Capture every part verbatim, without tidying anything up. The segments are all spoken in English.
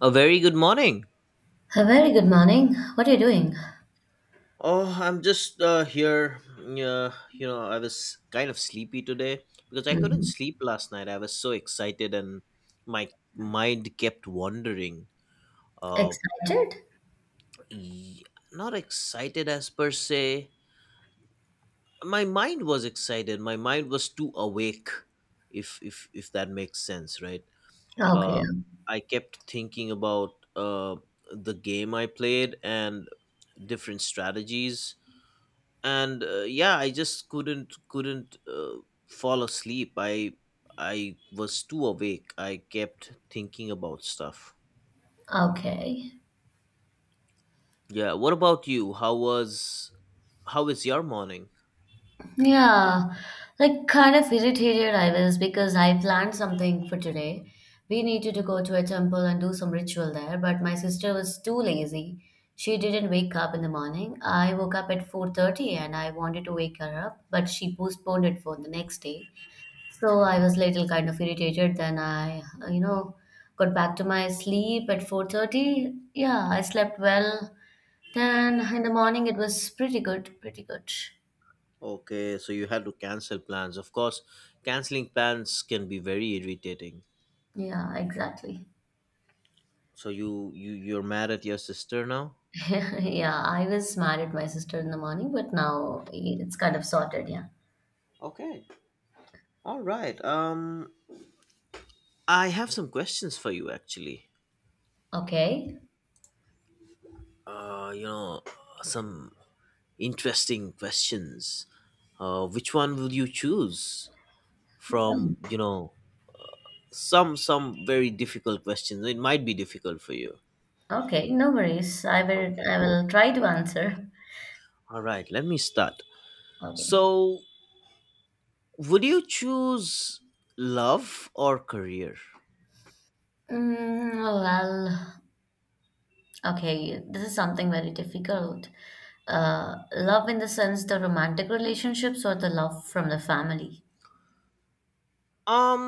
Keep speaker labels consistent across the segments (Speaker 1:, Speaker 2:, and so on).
Speaker 1: A very good morning.
Speaker 2: A very good morning. What are you doing?
Speaker 1: Oh, I'm just uh, here. Yeah, you know, I was kind of sleepy today because I couldn't
Speaker 2: Hmm.
Speaker 1: sleep last night. I was so excited, and my mind kept wandering. Uh,
Speaker 2: Excited?
Speaker 1: y- Not excited as per se. My mind was excited. My mind was too awake, if if if that makes sense, right?
Speaker 2: Okay.
Speaker 1: Uh, I kept thinking about uh the game I played and different strategies and uh, yeah, I just couldn't couldn't uh, fall asleep. I i was too awake. I kept thinking about stuff.
Speaker 2: Okay.
Speaker 1: Yeah, what about you? How was how is your morning?
Speaker 2: Yeah. Like kind of irritated I was because I planned something for today. We needed to go to a temple and do some ritual there, but my sister was too lazy. She didn't wake up in the morning. I woke up at four thirty and I wanted to wake her up, but she postponed it for the next day. So I was little kind of irritated. Then I, uh, you know, got back to my sleep at four thirty. Yeah, I slept well. Then in the morning it was pretty good, pretty good.
Speaker 1: Okay, so you had to cancel plans. Of course, canceling plans can be very irritating.
Speaker 2: Yeah, exactly.
Speaker 1: So you you you're mad at your sister now?
Speaker 2: Yeah, I was mad at my sister in the morning, but now it's kind of sorted, yeah.
Speaker 1: Okay, all right. um I have some questions for you, actually.
Speaker 2: Okay.
Speaker 1: uh you know some interesting questions. Uh, which one would you choose from,
Speaker 2: Mm.
Speaker 1: you know some some very difficult questions? It might be difficult for you.
Speaker 2: Okay, no worries. I will
Speaker 1: Okay,
Speaker 2: I will try to answer.
Speaker 1: all right, let me start.
Speaker 2: Okay.
Speaker 1: So would you choose love or career?
Speaker 2: Mm, well, Okay, this is something very difficult. Uh, love in the sense the romantic relationships or the love from the family?
Speaker 1: um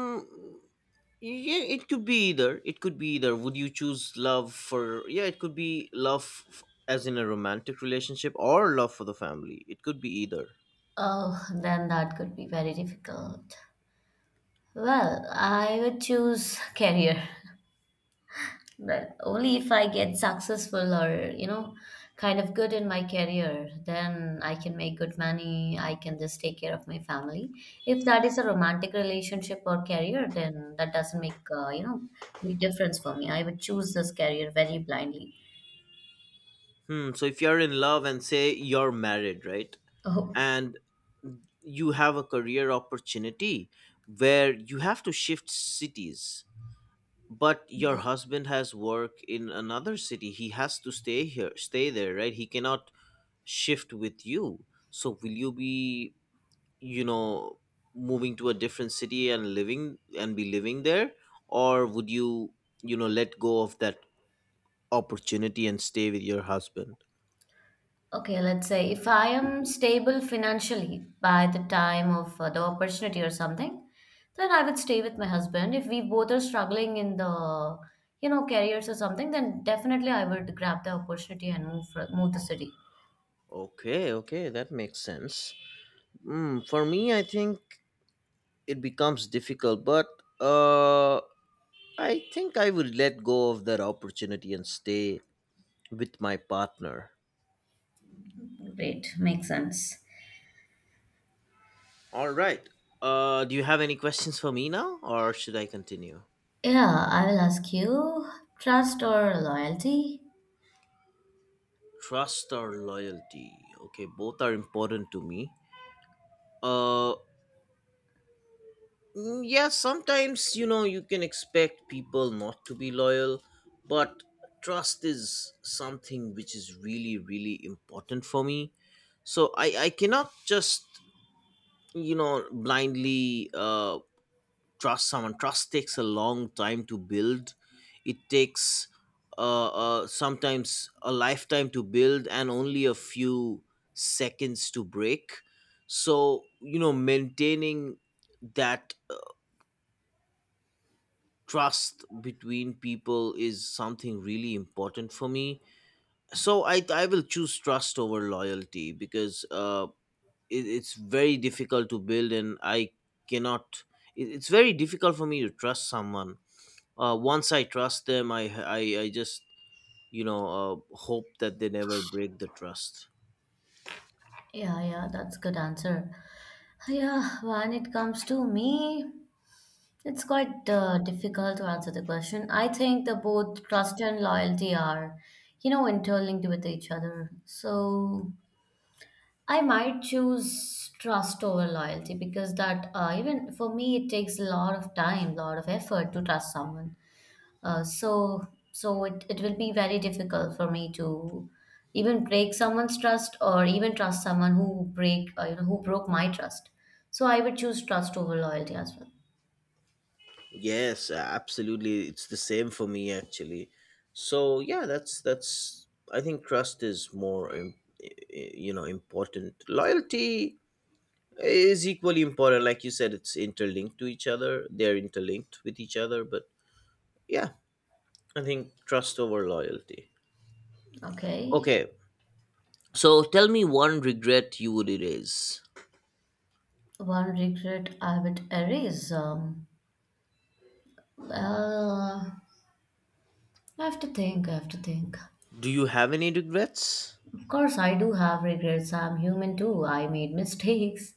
Speaker 1: yeah, it could be either. It could be either. Would you choose love for yeah it could be love f- as in a romantic relationship or love for the family. It could be either.
Speaker 2: Oh, then that could be very difficult. Well, I would choose career. Well, only if I get successful or, you know, kind of good in my career, then I can make good money. I can just take care of my family. If that is a romantic relationship or career, then that doesn't make, uh, you know, big difference for me. I would choose this career very blindly.
Speaker 1: Hmm. So if you're in love, and say you're married, right,
Speaker 2: Oh,
Speaker 1: and you have a career opportunity where you have to shift cities, but your husband has work in another city, he has to stay here, stay there, right, he cannot shift with you. So will you be, you know moving to a different city and living and be living there, or would you, you know let go of that opportunity and stay with your husband?
Speaker 2: okay, let's say if I am stable financially by the time of uh, the opportunity or something, then I would stay with my husband. If we both are struggling in the, you know, careers or something, then definitely I would grab the opportunity and move fro- move the city.
Speaker 1: Okay, okay, that makes sense. Mm, for me, I think it becomes difficult, but uh I think I will let go of that opportunity and stay with my partner.
Speaker 2: Great, makes sense.
Speaker 1: All right, uh do you have any questions for me now, or should I continue?
Speaker 2: Yeah, I will ask you, trust or loyalty?
Speaker 1: Trust or loyalty? Okay, both are important to me. uh mm, yeah, sometimes, you know you can expect people not to be loyal, but trust is something which is really, really important for me. So i i cannot just, you know blindly, uh, trust someone. Trust takes a long time to build. It takes, uh, uh, sometimes a lifetime to build, and only a few seconds to break. So, you know maintaining that, uh, trust between people, is something really important for me. So i i will choose trust over loyalty, because uh, it, it's very difficult to build, and I cannot it, it's very difficult for me to trust someone. Uh, once I trust them, i i, I just, you know uh, hope that they never break the trust.
Speaker 2: Yeah, yeah, that's good answer. Yeah, when it comes to me, it's quite uh, difficult to answer the question. I think the both trust and loyalty are, you know, interlinked with each other. So I might choose trust over loyalty because that uh, even for me it takes a lot of time, lot of effort to trust someone. Uh, so so it, it will be very difficult for me to even break someone's trust or even trust someone who break uh, you know who broke my trust. So I would choose trust over loyalty as well.
Speaker 1: Yes, absolutely, it's the same for me, actually. So yeah, that's that's I think trust is more im- i- i- you know important. Loyalty is equally important, like you said. It's interlinked to each other. They're interlinked with each other, but yeah, I think trust over loyalty.
Speaker 2: Okay.
Speaker 1: Okay, so tell me one regret you would erase.
Speaker 2: One regret I would erase. Um, uh, I have to think, I have to think.
Speaker 1: Do you have any regrets?
Speaker 2: Of course, I do have regrets. I'm human too. I made mistakes.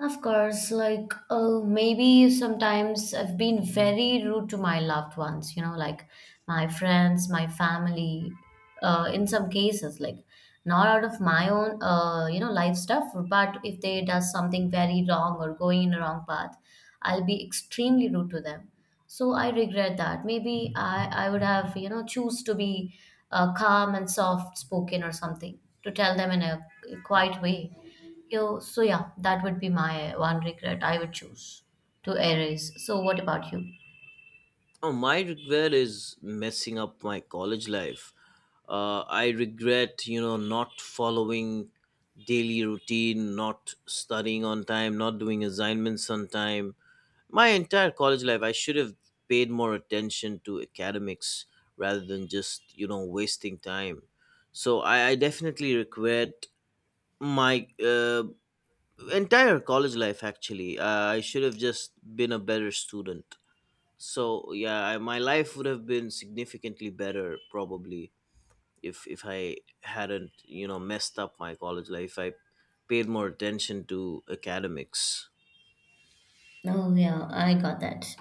Speaker 2: Of course, like uh, maybe sometimes I've been very rude to my loved ones, you know, like my friends, my family, uh, in some cases, like not out of my own, uh, you know, life stuff, but if they does something very wrong or going in a wrong path, I'll be extremely rude to them. So I regret that. Maybe I, I would have, you know, choose to be uh, calm and soft spoken or something to tell them in a quiet way. Yo, so yeah, that would be my one regret I would choose to erase. So what about you?
Speaker 1: Oh, my regret is messing up my college life. Uh, I regret, you know, not following daily routine, not studying on time, not doing assignments on time. My entire college life, I should have paid more attention to academics rather than just, you know, wasting time. So I, I definitely regret my uh, entire college life, actually. uh, I should have just been a better student. So yeah, I, my life would have been significantly better, probably, if if I hadn't, you know messed up my college life. I paid more attention to academics.
Speaker 2: Oh yeah, I got that.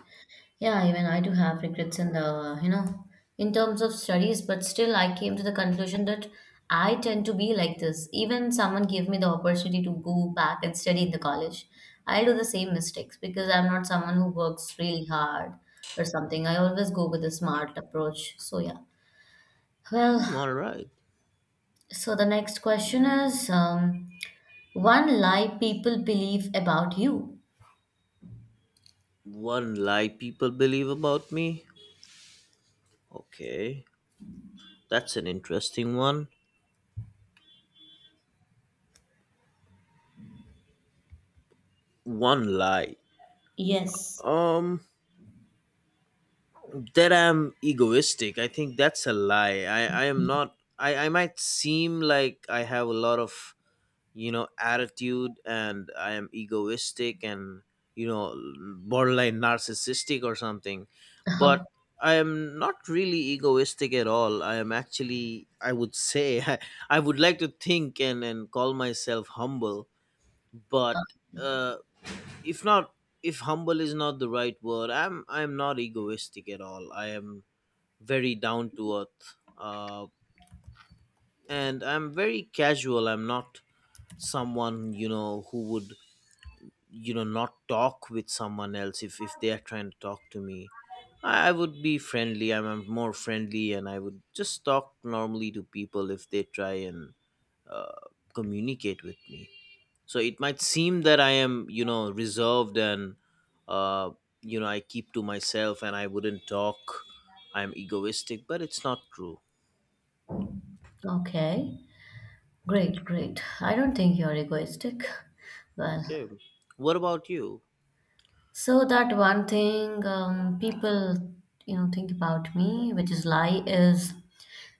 Speaker 2: Yeah, even I do have regrets in the, you know, in terms of studies, but still I came to the conclusion that I tend to be like this. Even someone gave me the opportunity to go back and study in the college, I do the same mistakes because I'm not someone who works really hard or something. I always go with a smart approach. So yeah.
Speaker 1: Hmm,
Speaker 2: Well,
Speaker 1: all right.
Speaker 2: so the next question is, um, one lie people believe about you.
Speaker 1: One lie people believe about me. Okay, that's an interesting one. One lie.
Speaker 2: Yes.
Speaker 1: Um, that I'm egoistic. I think that's a lie. I, I am not. I, I might seem like I have a lot of, you know, attitude, and I am egoistic, and, you know, borderline narcissistic or something. But I am not really egoistic at all. I am actually, I would say, I, I would like to think and, and call myself humble,
Speaker 2: Uh,
Speaker 1: but uh if not if humble is not the right word, I'm I'm not egoistic at all. I am very down to earth. Uh, and I'm very casual. I'm not someone, you know, who would, you know, not talk with someone else if, if they are trying to talk to me. I, I would be friendly. I'm, I'm more friendly, and I would just talk normally to people if they try and, uh, communicate with me. So it might seem that I am, you know, reserved and, uh, you know, I keep to myself and I wouldn't talk. I'm egoistic, but it's not true.
Speaker 2: Okay, great, great. I don't think you're egoistic. Well,
Speaker 1: Okay. What about you?
Speaker 2: so that one thing um, people, you know, think about me, which is lie, is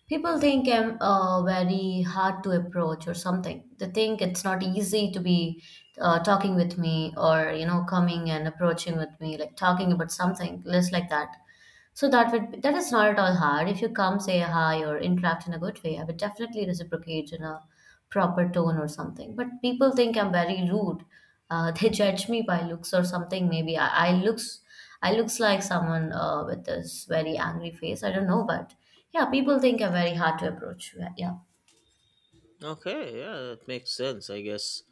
Speaker 2: people think I'm uh, very hard to approach or something. They think it's not easy to be uh, talking with me or, you know, coming and approaching with me, like talking about something, less like that. So that would that is not at all hard. If you come, say hi or interact in a good way, I would definitely reciprocate in a proper tone or something. But people think I'm very rude. Uh, they judge me by looks or something. Maybe I, I looks I looks like someone uh, with this very angry face. I don't know, but yeah, people think I'm very hard to approach. Yeah, yeah,
Speaker 1: Okay, yeah, that makes sense, I guess.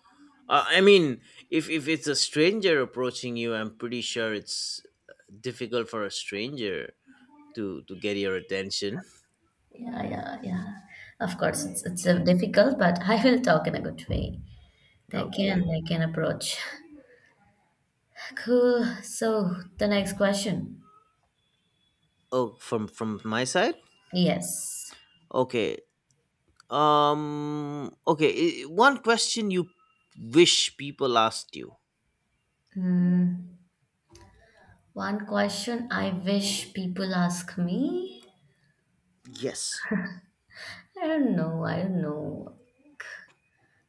Speaker 1: Uh, I mean, if if it's a stranger approaching you, I'm pretty sure it's, uh, difficult for a stranger to to get your attention.
Speaker 2: yeah, yeah, yeah. Of course, it's it's uh, difficult, but I will talk in a good way. They
Speaker 1: Okay.
Speaker 2: can they can approach. Cool. So the next question.
Speaker 1: Oh, from from my side?
Speaker 2: Yes.
Speaker 1: Okay. Um okay, i- One question you wish people asked you.
Speaker 2: Mm, one question I wish people ask me.
Speaker 1: Yes.
Speaker 2: I don't know. I don't know.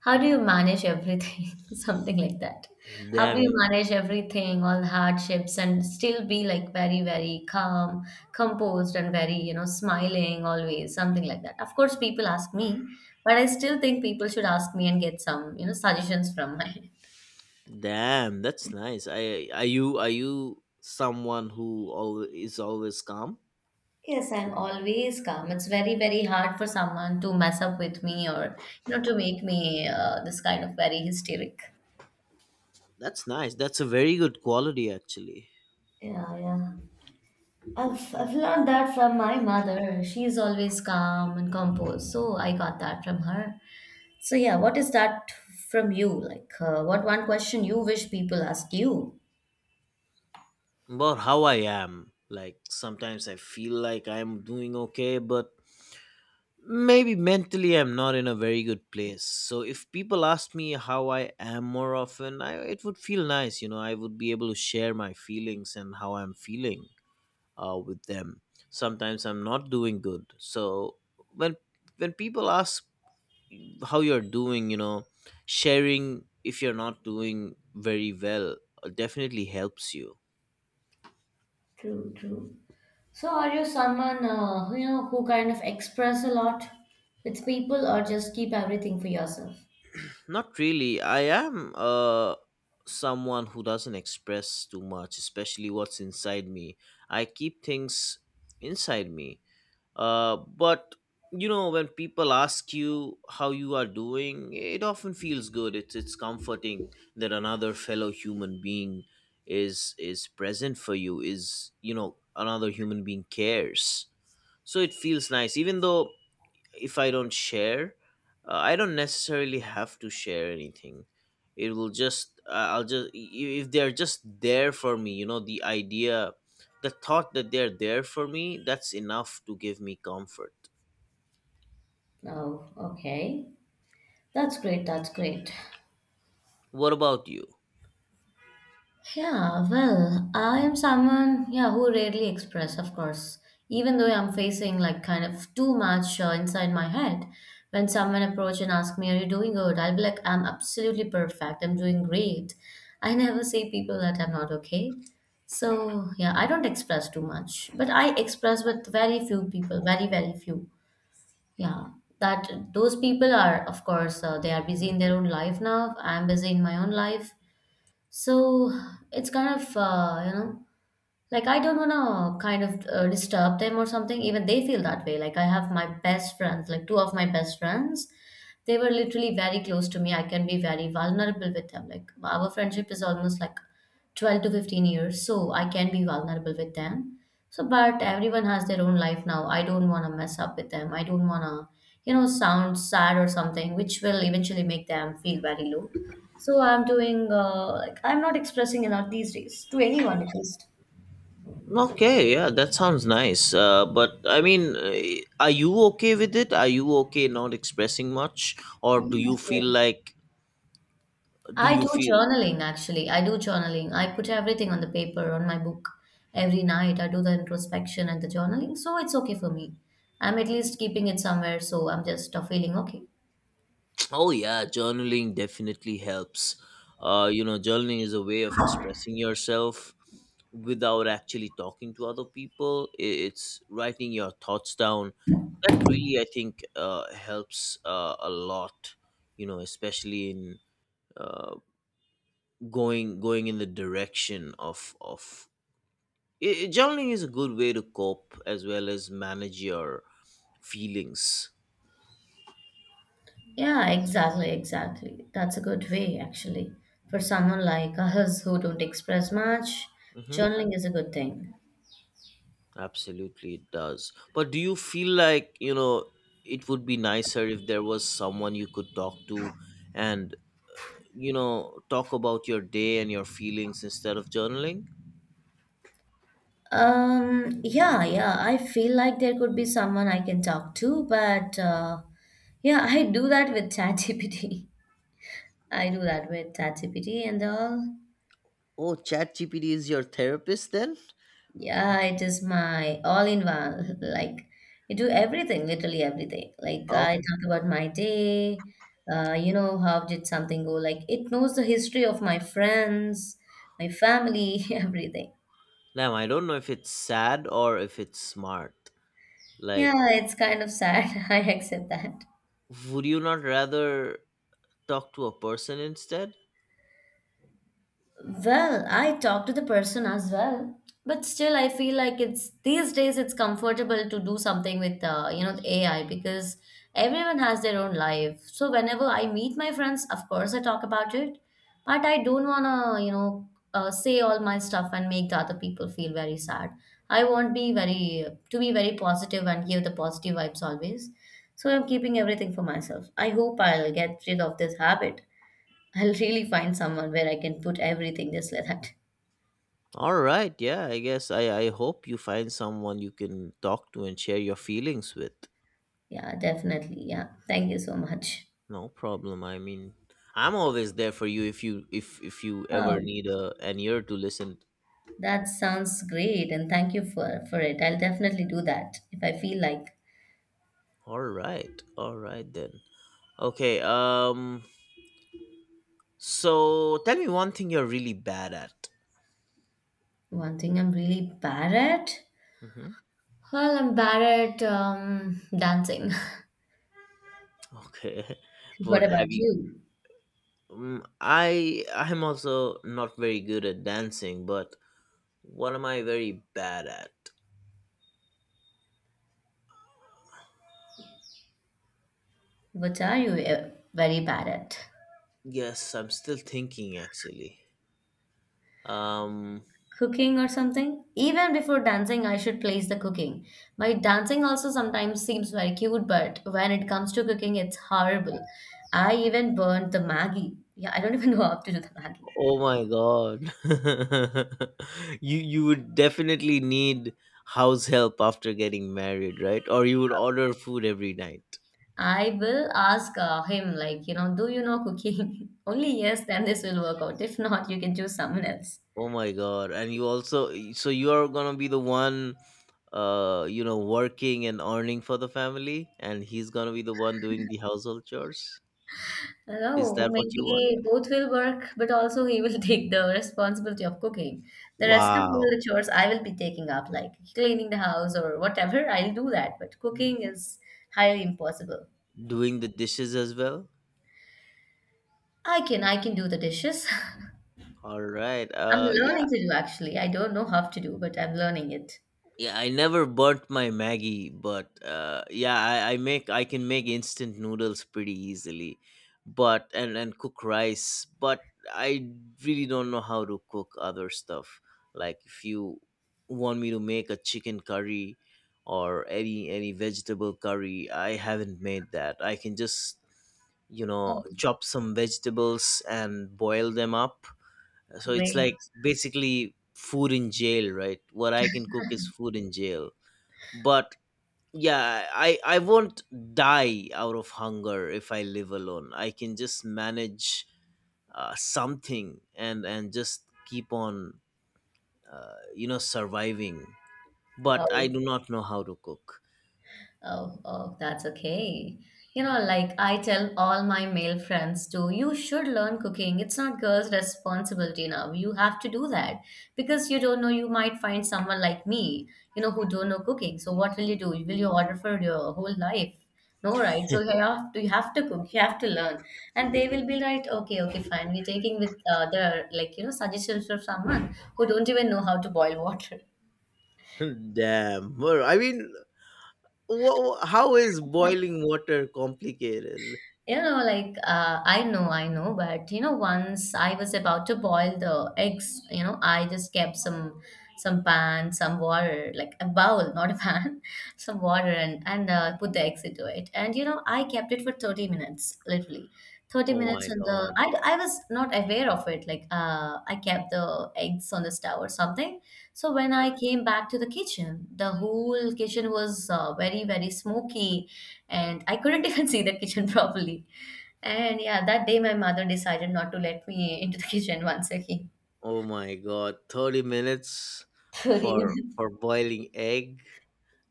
Speaker 2: How do you manage everything? Something like that. How
Speaker 1: Damn
Speaker 2: do you
Speaker 1: you.
Speaker 2: manage everything, all hardships, and still be like very, very calm, composed, and very, you know, smiling always? Something like that. Of course, people ask me, but I still think people should ask me and get some, you know, suggestions from my
Speaker 1: Damn, that's nice. I Are you, are you someone who always is always calm?
Speaker 2: Yes, I'm always calm. It's very, very hard for someone to mess up with me or, you know, to make me uh, this kind of very hysteric.
Speaker 1: That's nice. That's a very good quality, actually.
Speaker 2: Yeah, yeah. I've, I've learned that from my mother. She's always calm and composed. So I got that from her. So, yeah, what is that from you? Like, uh, what one question you wish people ask you?
Speaker 1: About how I am. Like, sometimes I feel like I'm doing okay, but maybe mentally I'm not in a very good place. So if people ask me how I am more often, I it would feel nice. you know, I would be able to share my feelings and how I'm feeling, uh, with them. Sometimes I'm not doing good. So when when people ask how you're doing, you know sharing if you're not doing very well, uh, definitely helps you.
Speaker 2: True, true. So, are you someone, uh, who, you know, who kind of express a lot with people or just keep everything for yourself?
Speaker 1: Not really. I am, uh someone who doesn't express too much, especially what's inside me. I keep things inside me. Uh, but, you know, when people ask you how you are doing, it often feels good. It's it's comforting that another fellow human being is is present for you. Is You know, another human being cares. So it feels nice, even though if I don't share, uh, I don't necessarily have to share anything. It will just, uh, I'll just i- if they're just there for me, you know, the idea, the thought that they're there for me, that's enough to give me comfort.
Speaker 2: Oh, okay. That's great. That's great.
Speaker 1: What about you?
Speaker 2: Yeah, well, I am someone, yeah, who rarely express, of course, even though I'm facing like kind of too much uh, inside my head. When someone approach and ask me, "Are you doing good?" I'll be like, "I'm absolutely perfect. I'm doing great." I never say people that I'm not okay. So yeah, I don't express too much, but I express with very few people, very very few. Yeah, that those people are, of course, uh, they are busy
Speaker 1: Hmm.
Speaker 2: in their own life now. I'm busy in my own life. So it's kind of uh, you know like I don't wanna kind of uh, disturb them or something. Even they feel that way. Like I have my best friends, like two of my best friends. They were literally very close to me. I can be very vulnerable with them. Like our friendship is almost like twelve to fifteen years, so I can be vulnerable with them. So, but everyone has their own life now. I don't want to mess up with them. I don't want to, you know, sound sad or something, which will eventually make them feel very low. So I'm doing, uh, like, I'm not expressing enough these days to anyone at least.
Speaker 1: Okay, yeah, that sounds nice. Uh, but I mean, uh, are you okay with it? Are you okay not expressing much, or do you
Speaker 2: Yes,
Speaker 1: feel
Speaker 2: yes.
Speaker 1: like, do
Speaker 2: I
Speaker 1: you
Speaker 2: do
Speaker 1: feel
Speaker 2: journaling actually. I do journaling. I put everything on the paper, on my book every night. I do the introspection and the journaling. So it's okay for me. I'm at least keeping it somewhere. So I'm just uh, feeling okay.
Speaker 1: oh yeah, journaling definitely helps. Uh, you know, journaling is a way of expressing yourself without actually talking to other people. I- It's writing your thoughts down. That really, I think, uh, helps, uh, a lot. You know, especially in, uh, going, going in the direction of of i i- journaling is a good way to cope as well as manage your feelings.
Speaker 2: Yeah, exactly, exactly. That's a good way actually. For someone like us who don't express much,
Speaker 1: Hmm,
Speaker 2: journaling is a good thing.
Speaker 1: absolutely, it does. But do you feel like, you know, it would be nicer if there was someone you could talk to and, you know, talk about your day and your feelings instead of journaling?
Speaker 2: Um, yeah, yeah. I feel like there could be someone I can talk to, but uh, yeah, I do that with ChatGPT. I do that with ChatGPT and all.
Speaker 1: Oh, ChatGPT is your therapist then?
Speaker 2: Yeah, it is my all in one. Like, you do everything, literally everything. Like,
Speaker 1: Oh,
Speaker 2: I talk about my day, uh, you know, how did something go? Like, it knows the history of my friends, my family, everything.
Speaker 1: damn, I don't know if it's sad or if it's smart. Like,
Speaker 2: Yeah, it's kind of sad. I accept that.
Speaker 1: would you not rather talk to a person instead?
Speaker 2: Well, I talk to the person as well, but still I feel like it's these days it's comfortable to do something with uh, you know the A I because everyone has their own life. So whenever I meet my friends, of course I talk about it, but I don't wanna you know uh, say all my stuff and make the other people feel very sad. I want be very to be very positive and give the positive vibes always. So I'm keeping everything for myself. I hope I'll get rid of this habit. I'll really find someone where I can put everything just like that.
Speaker 1: All right, yeah, I guess, I, I hope you find someone you can talk to and share your feelings with.
Speaker 2: Yeah, definitely. Yeah. Thank you so much.
Speaker 1: No problem. I mean, I'm always there for you if you, if if you ever
Speaker 2: Oh,
Speaker 1: need a, an ear to listen.
Speaker 2: that sounds great. And thank you for, for it. I'll definitely do that if I feel like
Speaker 1: All right. All right then. Okay. Um so tell me one thing you're really bad at.
Speaker 2: one thing I'm really bad at.
Speaker 1: Hmm.
Speaker 2: Well, I'm bad at um, dancing.
Speaker 1: Okay.
Speaker 2: What
Speaker 1: What have
Speaker 2: about
Speaker 1: you...
Speaker 2: you?
Speaker 1: um, I, I'm also not very good at dancing, but what am I very bad at?
Speaker 2: What are you uh, very bad at?
Speaker 1: Yes, I'm still thinking, actually. Um.
Speaker 2: Cooking or something. Even before dancing, I should place the cooking. My dancing also sometimes seems very cute, but when it comes to cooking, it's horrible. I even burnt the Maggie. Yeah, I don't even know how to do the Maggie.
Speaker 1: Oh my god. You you would definitely need house help after getting married, right? Or you would order food every night.
Speaker 2: I will ask uh, him, like, you know, do you know cooking? Only yes, then this will work out. If not, you can choose someone else.
Speaker 1: Oh my god. And you also, so you are going to be the one, uh you know working and earning for the family, and he's going to be the one doing the household chores. Is
Speaker 2: Oh,
Speaker 1: that what you want?
Speaker 2: maybe both will work, but also he will take the responsibility of cooking. The rest of all
Speaker 1: Wow.
Speaker 2: the chores I will be taking up, like cleaning the house or whatever. I'll do that, but cooking is highly impossible.
Speaker 1: Doing the dishes as well?
Speaker 2: I can, I can do the dishes.
Speaker 1: All right.
Speaker 2: I'm
Speaker 1: Uh yeah,
Speaker 2: learning to do actually. I don't know how to do, but I'm learning it.
Speaker 1: yeah I never burnt my maggie, but uh yeah, I, I make i can make instant noodles pretty easily, but and and cook rice, but I really don't know how to cook other stuff. Like, if you want me to make a chicken curry or any any vegetable curry, I haven't made that. I can just, you know, chop some vegetables and boil them up. So it's like
Speaker 2: Great.
Speaker 1: basically food in jail, right? What I can cook is food in jail. But yeah, i i won't die out of hunger. If I live alone, I can just manage uh, something, and and just keep on uh, you know surviving. But I
Speaker 2: Oh.
Speaker 1: do not know how to cook.
Speaker 2: Oh, oh, that's okay. You know, like I tell all my male friends too, you should learn cooking. It's not girls' responsibility now. You have to do that because you don't know. You might find someone like me, you know, who don't know cooking. So what will you do? Will you order for your whole life? No, right? So you have to, you have to cook. You have to learn, and they will be like, okay, okay, fine. We're taking with uh, their like you know suggestions from someone who don't even know how to boil water.
Speaker 1: Damn. Well, I mean, wha wha- how is boiling water complicated?
Speaker 2: You know, like uh, I know, I know, but you know, once I was about to boil the eggs, you know, I just kept some some pan, some water, like a bowl, not a pan, some water, and and uh, put the eggs into it. And you know, I kept it for thirty minutes, literally. thirty
Speaker 1: Oh my
Speaker 2: minutes, and the
Speaker 1: god.
Speaker 2: I, I was not aware of it. Like uh I kept the eggs on the stove or something. So when I came back to the kitchen, the whole kitchen was uh, very very smoky, and I couldn't even see the kitchen properly. And yeah, that day my mother decided not to let me into the kitchen once again.
Speaker 1: Oh my god, thirty minutes
Speaker 2: Could
Speaker 1: for
Speaker 2: even-
Speaker 1: for boiling egg.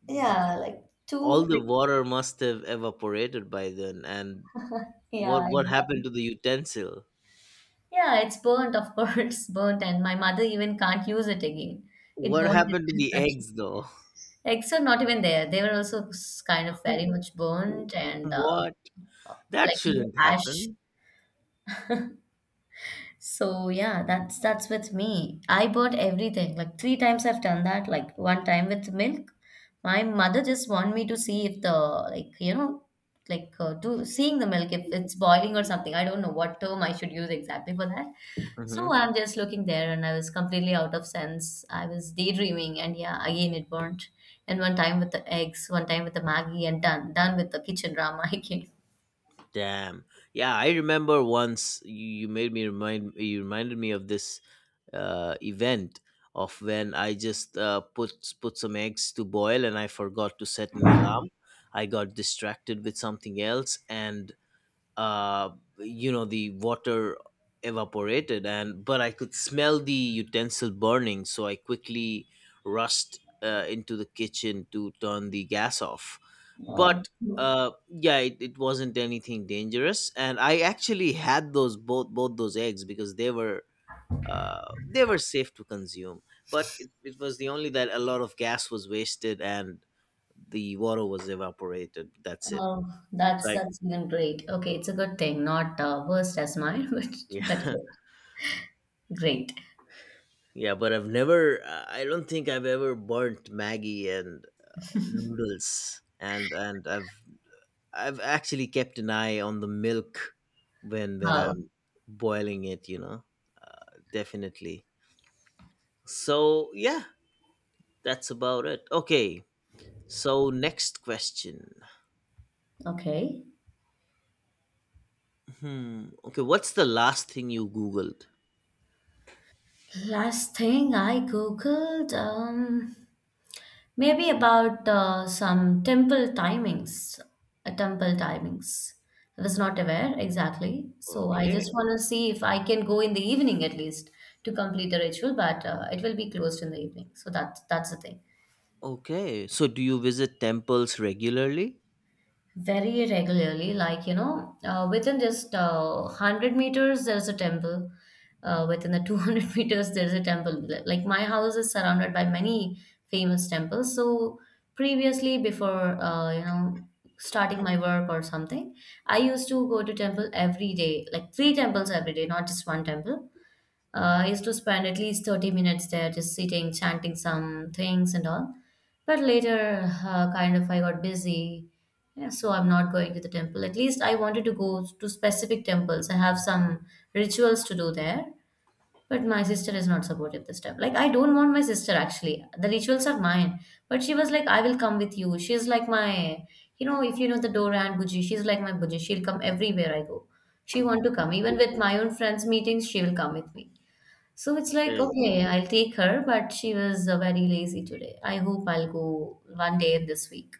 Speaker 1: The,
Speaker 2: yeah, like
Speaker 1: all
Speaker 2: two.
Speaker 1: the water must have evaporated by then, and what
Speaker 2: Yeah,
Speaker 1: what happened
Speaker 2: exactly.
Speaker 1: to the utensil?
Speaker 2: Yeah, it's burnt, of course, burnt, and my mother even can't use it again. It
Speaker 1: What
Speaker 2: burnt it
Speaker 1: happened to the
Speaker 2: as such.
Speaker 1: eggs though?
Speaker 2: Eggs are not even there. They were also s- kind of very much burnt, and uh,
Speaker 1: What? That
Speaker 2: like into
Speaker 1: shouldn't
Speaker 2: ash.
Speaker 1: happen.
Speaker 2: So yeah, that's that's with me. I bought everything. Like three times I've done that. Like one time with milk. My mother just want me to see if the like you know like uh, do seeing the milk if it's boiling or something. I don't know what term I should use exactly for that. So
Speaker 1: Hmm.
Speaker 2: I'm just looking there and I was completely out of sense. I was daydreaming and yeah, again it burnt. And one time with the eggs, one time with the Maggie, and done done with the kitchen drama again.
Speaker 1: Damn. Yeah, I remember once you, you made me remind you reminded me of this uh, event of when I just uh, put put some eggs to boil, and I forgot to set an alarm. I got distracted with something else, and uh, you know, the water evaporated, and but I could smell the utensil burning, so I quickly rushed uh, into the kitchen to turn the gas off.
Speaker 2: Um,
Speaker 1: But uh, yeah, it, it wasn't anything dangerous, and I actually had those both both those eggs because they were uh, they were safe to consume. But it, it was the only that a lot of gas was wasted and the water was evaporated, that's it.
Speaker 2: Oh,
Speaker 1: So
Speaker 2: that's
Speaker 1: I
Speaker 2: that's even great. Okay, it's a good thing, not uh, worst as mine, but
Speaker 1: Yeah.
Speaker 2: but good. Great.
Speaker 1: Yeah, but I've never uh, I don't think I've ever burnt maggie and noodles, and and i've i've actually kept an eye on the milk when when
Speaker 2: Oh,
Speaker 1: I'm boiling it, you know, uh, definitely. So yeah, that's about it. Okay, so next question.
Speaker 2: okay.
Speaker 1: Hmm. Okay. What's the last thing you Googled?
Speaker 2: Last thing I googled, um, maybe about uh, some temple timings, uh, temple timings. I was not aware exactly, so I
Speaker 1: Okay.
Speaker 2: just want to see if I can go in the evening at least to complete the ritual, but uh, it will be closed in the evening. So that that's the thing.
Speaker 1: Okay. So, do you visit temples regularly?
Speaker 2: Very regularly, like you know uh, within just uh, hundred meters there's a temple, uh, within the two hundred meters there's a temple. Like my house is surrounded by many famous temples. So previously, before uh, you know, starting my work or something, I used to go to temple every day, like three temples every day, not just one temple. uh, I used to spend at least thirty minutes there, just sitting, chanting some things and all. But later, uh, kind of, I got busy. Yeah, so I'm not going to the temple. At least I wanted to go to specific temples. I have some rituals to do there, but my sister is not supportive this time. Like, I don't want my sister actually. The rituals are mine. But she was like, I will come with you. She's like my, you know, if you know the Dora and Buji, she's like my Buji. She'll come everywhere I go. She want to come. Even with my own friends' meetings, she will come with me. So it's like,
Speaker 1: Okay.
Speaker 2: okay, I'll take her, but she was uh, very lazy today. I hope I'll go one day this week.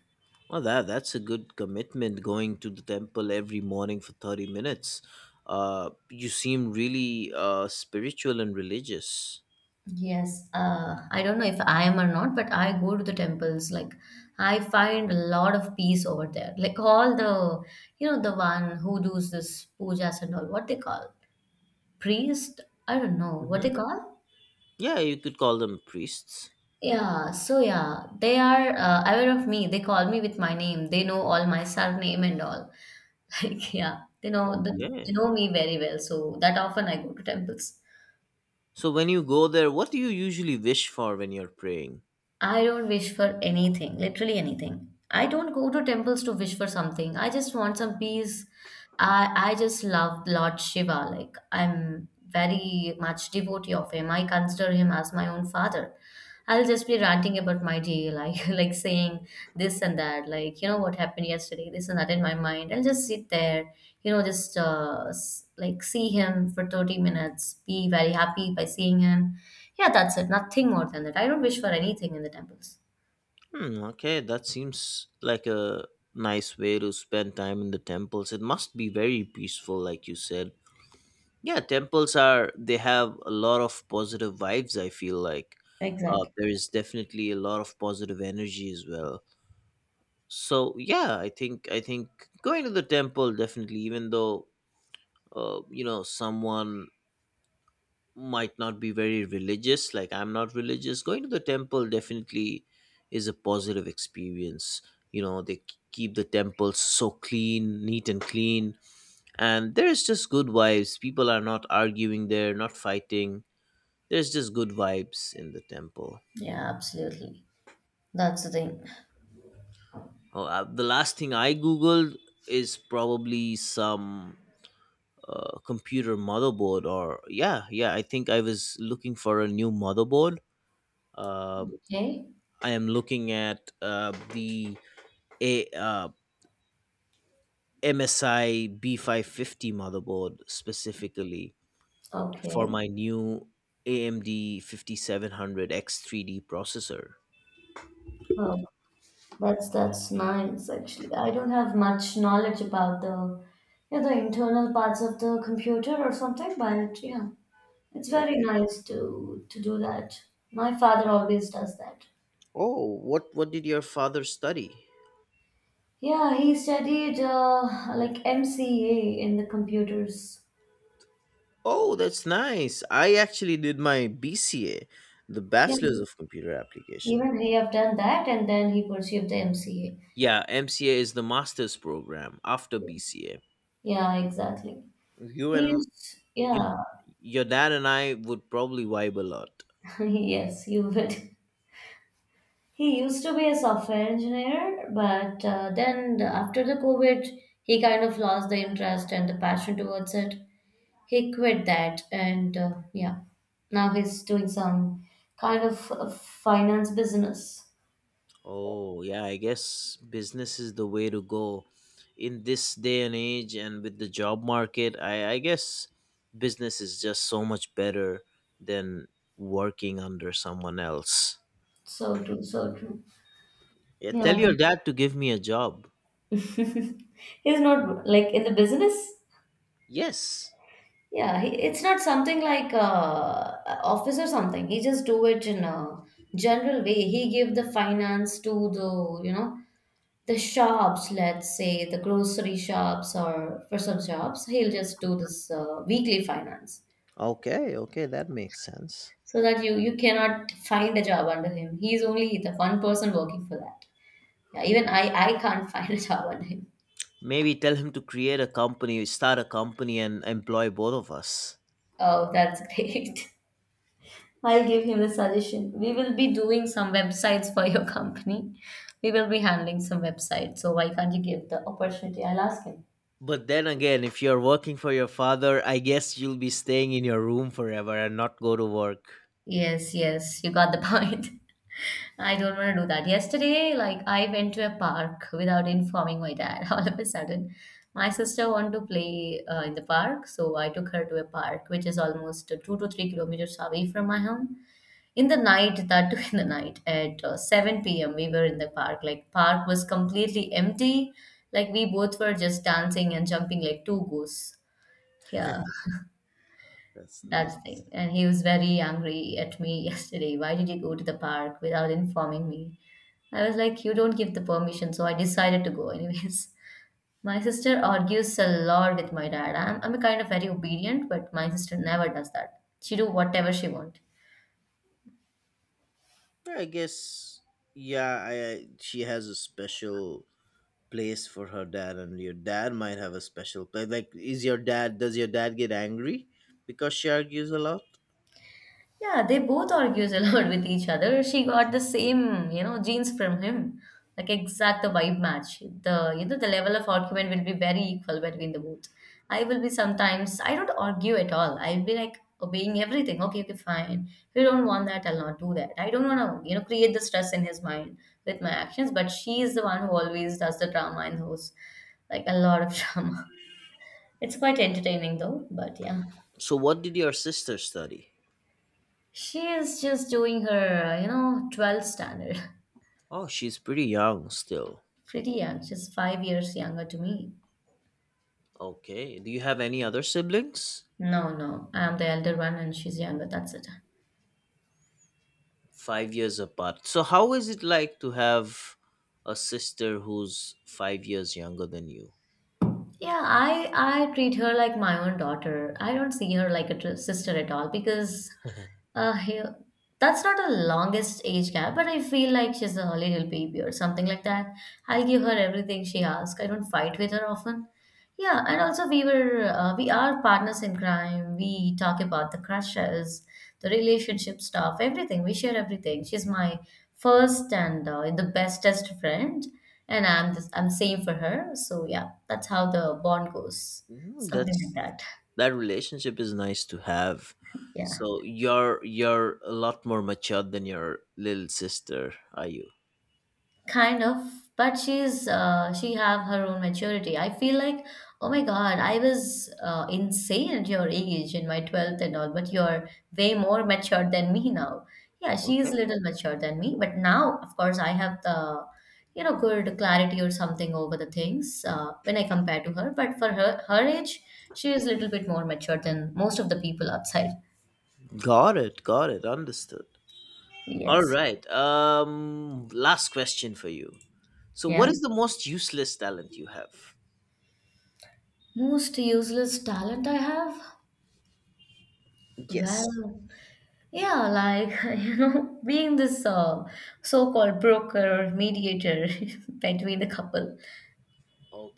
Speaker 1: Well, that that's a good commitment. Going to the temple every morning for thirty minutes. Uh, you seem really uh, spiritual and religious.
Speaker 2: Yes, uh, I don't know if I am or not, but I go to the temples. Like, I find a lot of peace over there. Like, all the, you know, the one who does this pujas and all, what they call priest? I don't know what
Speaker 1: Hmm.
Speaker 2: they call.
Speaker 1: Yeah, you could call them priests.
Speaker 2: Yeah, so yeah, they are uh, aware of me. They call me with my name. They know all my surname and all. Like, yeah, they know that they
Speaker 1: Okay.
Speaker 2: know me very well, so that often I go to temples.
Speaker 1: So when you go there, what do you usually wish for when you're praying?
Speaker 2: I don't wish for anything, literally anything. I don't go to temples to wish for something. I just want some peace. I I just love Lord Shiva. Like I'm very much devotee of him. I consider him as my own father. I'll just be ranting about my day, like like saying this and that, like you know what happened yesterday, this and that in my mind. I'll just sit there, you know, just uh, s- like see him for thirty minutes, be very happy by seeing him, yeah, that's it. Nothing more than that. I don't wish for anything in the temples.
Speaker 1: Hmm, okay, that seems like a nice way to spend time in the temples. It must be very peaceful, like you said. Yeah, temples are, they have a lot of positive vibes, I feel like. Uh,
Speaker 2: Exactly.
Speaker 1: there is definitely a lot of positive energy as well. So yeah, I think I think going to the temple, definitely, even though uh, you know, someone might not be very religious, like I'm not religious, going to the temple definitely is a positive experience. You know, they k- keep the temples so clean, neat and clean, and there's just good vibes. People are not arguing there, not fighting. There's just good vibes in the temple.
Speaker 2: Yeah, absolutely. That's the thing.
Speaker 1: Oh, uh, the last thing I googled is probably some uh, computer motherboard, or yeah, yeah, I think I was looking for a new motherboard. Uh,
Speaker 2: Okay.
Speaker 1: I am looking at uh, the A, uh, M S I B five fifty motherboard specifically for
Speaker 2: Okay.
Speaker 1: my new A M D fifty seven hundred X three D processor.
Speaker 2: Oh, that's that's nice actually. I don't have much knowledge about the yeah, the internal parts of the computer or something, but yeah. It's very
Speaker 1: Okay.
Speaker 2: nice to to do that. My father always does that.
Speaker 1: Oh, what what did your father study?
Speaker 2: Yeah, he studied uh, like M C A in the computers.
Speaker 1: Oh, that's nice. I actually did my B C A, the
Speaker 2: Yeah.
Speaker 1: Bachelor's of Computer Application.
Speaker 2: Even he have done that and then he pursued the M C A.
Speaker 1: Yeah, M C A is the master's program after B C A.
Speaker 2: Yeah, exactly.
Speaker 1: You
Speaker 2: He
Speaker 1: and
Speaker 2: used,
Speaker 1: your,
Speaker 2: yeah,
Speaker 1: your dad and I would probably vibe a lot.
Speaker 2: yes, you would. He used to be a software engineer, but uh, then the- after the COVID, he kind of lost the interest and the passion towards it. He quit that, and uh, yeah, now he's doing some kind of uh, finance business.
Speaker 1: Oh, yeah, I guess business is the way to go in this day and age, and with the job market. I, I guess business is just so much better than working under someone else.
Speaker 2: So true, so true.
Speaker 1: Yeah,
Speaker 2: Yeah.
Speaker 1: tell your dad to give me a job.
Speaker 2: He's not like in the business.
Speaker 1: Yes.
Speaker 2: Yeah, he, it's not something like uh, office or something. He just do it in a general way. He give the finance to the, you know, the shops, let's say the grocery shops, or for some shops, he'll just do this uh, weekly finance,
Speaker 1: Okay, okay, that makes sense.
Speaker 2: so that you you cannot find a job under him. He's only the one person working for that. Yeah, even I I can't find a job under him.
Speaker 1: Maybe tell him to create a company, start a company, and employ both of us.
Speaker 2: Oh, that's great. I'll give him the suggestion. We will be doing some websites for your company. We will be handling some websites. So why can't you give the opportunity? I'll ask him.
Speaker 1: But then again, if you're working for your father, I guess you'll be staying in your room forever and not go to work.
Speaker 2: Yes, yes, you got the point. I don't want to do that. Yesterday, like I went to a park without informing my dad. All of a sudden, my sister wanted to play uh, in the park, so I took her to a park which is almost two to three kilometers away from my home, in the night, that too, in the night at uh, seven p.m. We were in the park, like park was completely empty. Like, we both were just dancing and jumping like two goose. Yeah,
Speaker 1: That's
Speaker 2: that's the
Speaker 1: nice.
Speaker 2: thing, and he was very angry at me yesterday. Why did you go to the park without informing me? I was like, you don't give the permission, so I decided to go anyways. My sister argues a lot with my dad. I'm, I'm a kind of very obedient, but my sister never does that. She do whatever she want.
Speaker 1: Yeah, I guess. Yeah, I, I she has a special place for her dad, and your dad might have a special place. Like, is your dad? Does your dad get angry because she argues a lot?
Speaker 2: Yeah, they both argues a lot with each other. She got the same, you know, genes from him. Like exact the vibe match. The you know the level of argument will be very equal between the both. I will be sometimes, I don't argue at all. I'll be like obeying everything. Okay, okay, fine. If you don't want that, I'll not do that. I don't wanna, you know, create the stress in his mind with my actions, but she is the one who always does the drama and hosts like a lot of drama. It's quite entertaining though, but yeah.
Speaker 1: So, what did your sister study?
Speaker 2: She is just doing her, you know, twelfth standard.
Speaker 1: Oh, she's pretty young still.
Speaker 2: Pretty young. She's five years younger to me.
Speaker 1: Okay. Do you have any other siblings?
Speaker 2: No, no, I'm the elder one and she's younger. That's it.
Speaker 1: Five years apart. So, how is it like to have a sister who's five years younger than you?
Speaker 2: Yeah, I I treat her like my own daughter. I don't see her like a tr- sister at all because Uh, he, that's not the longest age gap, but I feel like she's a little baby or something like that. I'll give her everything she asks. I don't fight with her often. Yeah, and also we were uh, we are partners in crime. We talk about the crushes, the relationship stuff, everything. We share everything. She's my first and uh, the bestest friend, and I'm the, I'm same for her. So yeah, that's how the bond goes.
Speaker 1: Mm,
Speaker 2: Something like
Speaker 1: that's
Speaker 2: that.
Speaker 1: that relationship is nice to have.
Speaker 2: Yeah.
Speaker 1: So you're you're a lot more matured than your little sister, are you?
Speaker 2: Kind of, but she's uh, she have her own maturity, I feel like, oh my god, I was uh, insane at your age in my twelfth and all, but you're way more mature than me now. Yeah,
Speaker 1: Okay.
Speaker 2: she's little mature than me, but now of course I have the you know good clarity or something over the things, uh, when I compare to her, but for her, her age, she is a little bit more mature than most of the people outside.
Speaker 1: Got it, got it, understood. All
Speaker 2: Yes.
Speaker 1: right. Um, last question for you. So what
Speaker 2: Yeah,
Speaker 1: is the most useless talent you have?
Speaker 2: most useless talent I have.
Speaker 1: Yes.
Speaker 2: Well, yeah, like, you know, being this uh, so-called broker or mediator between the couple,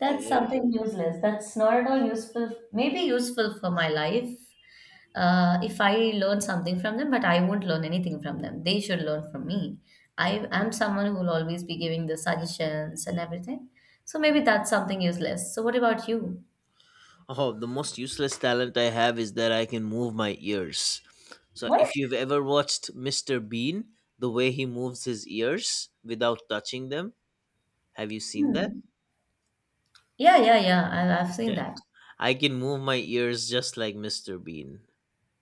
Speaker 2: that's something useless. That's not at all useful. Maybe useful for my life, uh, if I learn something from them, but I won't learn anything from them. They should learn from me. I am someone who will always be giving the suggestions and everything. So maybe that's something useless. So what about you?
Speaker 1: Oh, the most useless talent I have is that I can move my ears. So
Speaker 2: What?
Speaker 1: if you've ever watched mister Bean, the way he moves his ears without touching them, have you seen that?
Speaker 2: Hmm. Yeah, yeah, yeah. I, I've seen
Speaker 1: Yeah.
Speaker 2: that.
Speaker 1: I can move my ears just like mister Bean.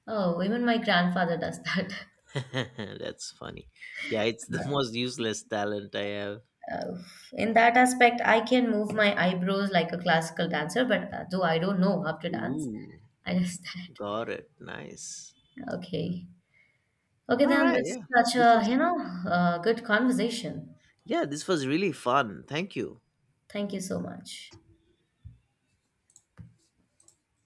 Speaker 2: Oh, even my grandfather does that.
Speaker 1: That's funny. Yeah, it's the most useless talent I have.
Speaker 2: Uh, in that aspect, I can move my eyebrows like a classical dancer, but uh, though I don't know how to dance,
Speaker 1: Ooh,
Speaker 2: I just that.
Speaker 1: got it. Nice.
Speaker 2: Okay. Okay,
Speaker 1: All
Speaker 2: then
Speaker 1: right,
Speaker 2: it's
Speaker 1: yeah.
Speaker 2: such
Speaker 1: This
Speaker 2: a, you
Speaker 1: was,
Speaker 2: know, uh, good conversation.
Speaker 1: yeah, this was really fun. Thank you.
Speaker 2: Thank you so much.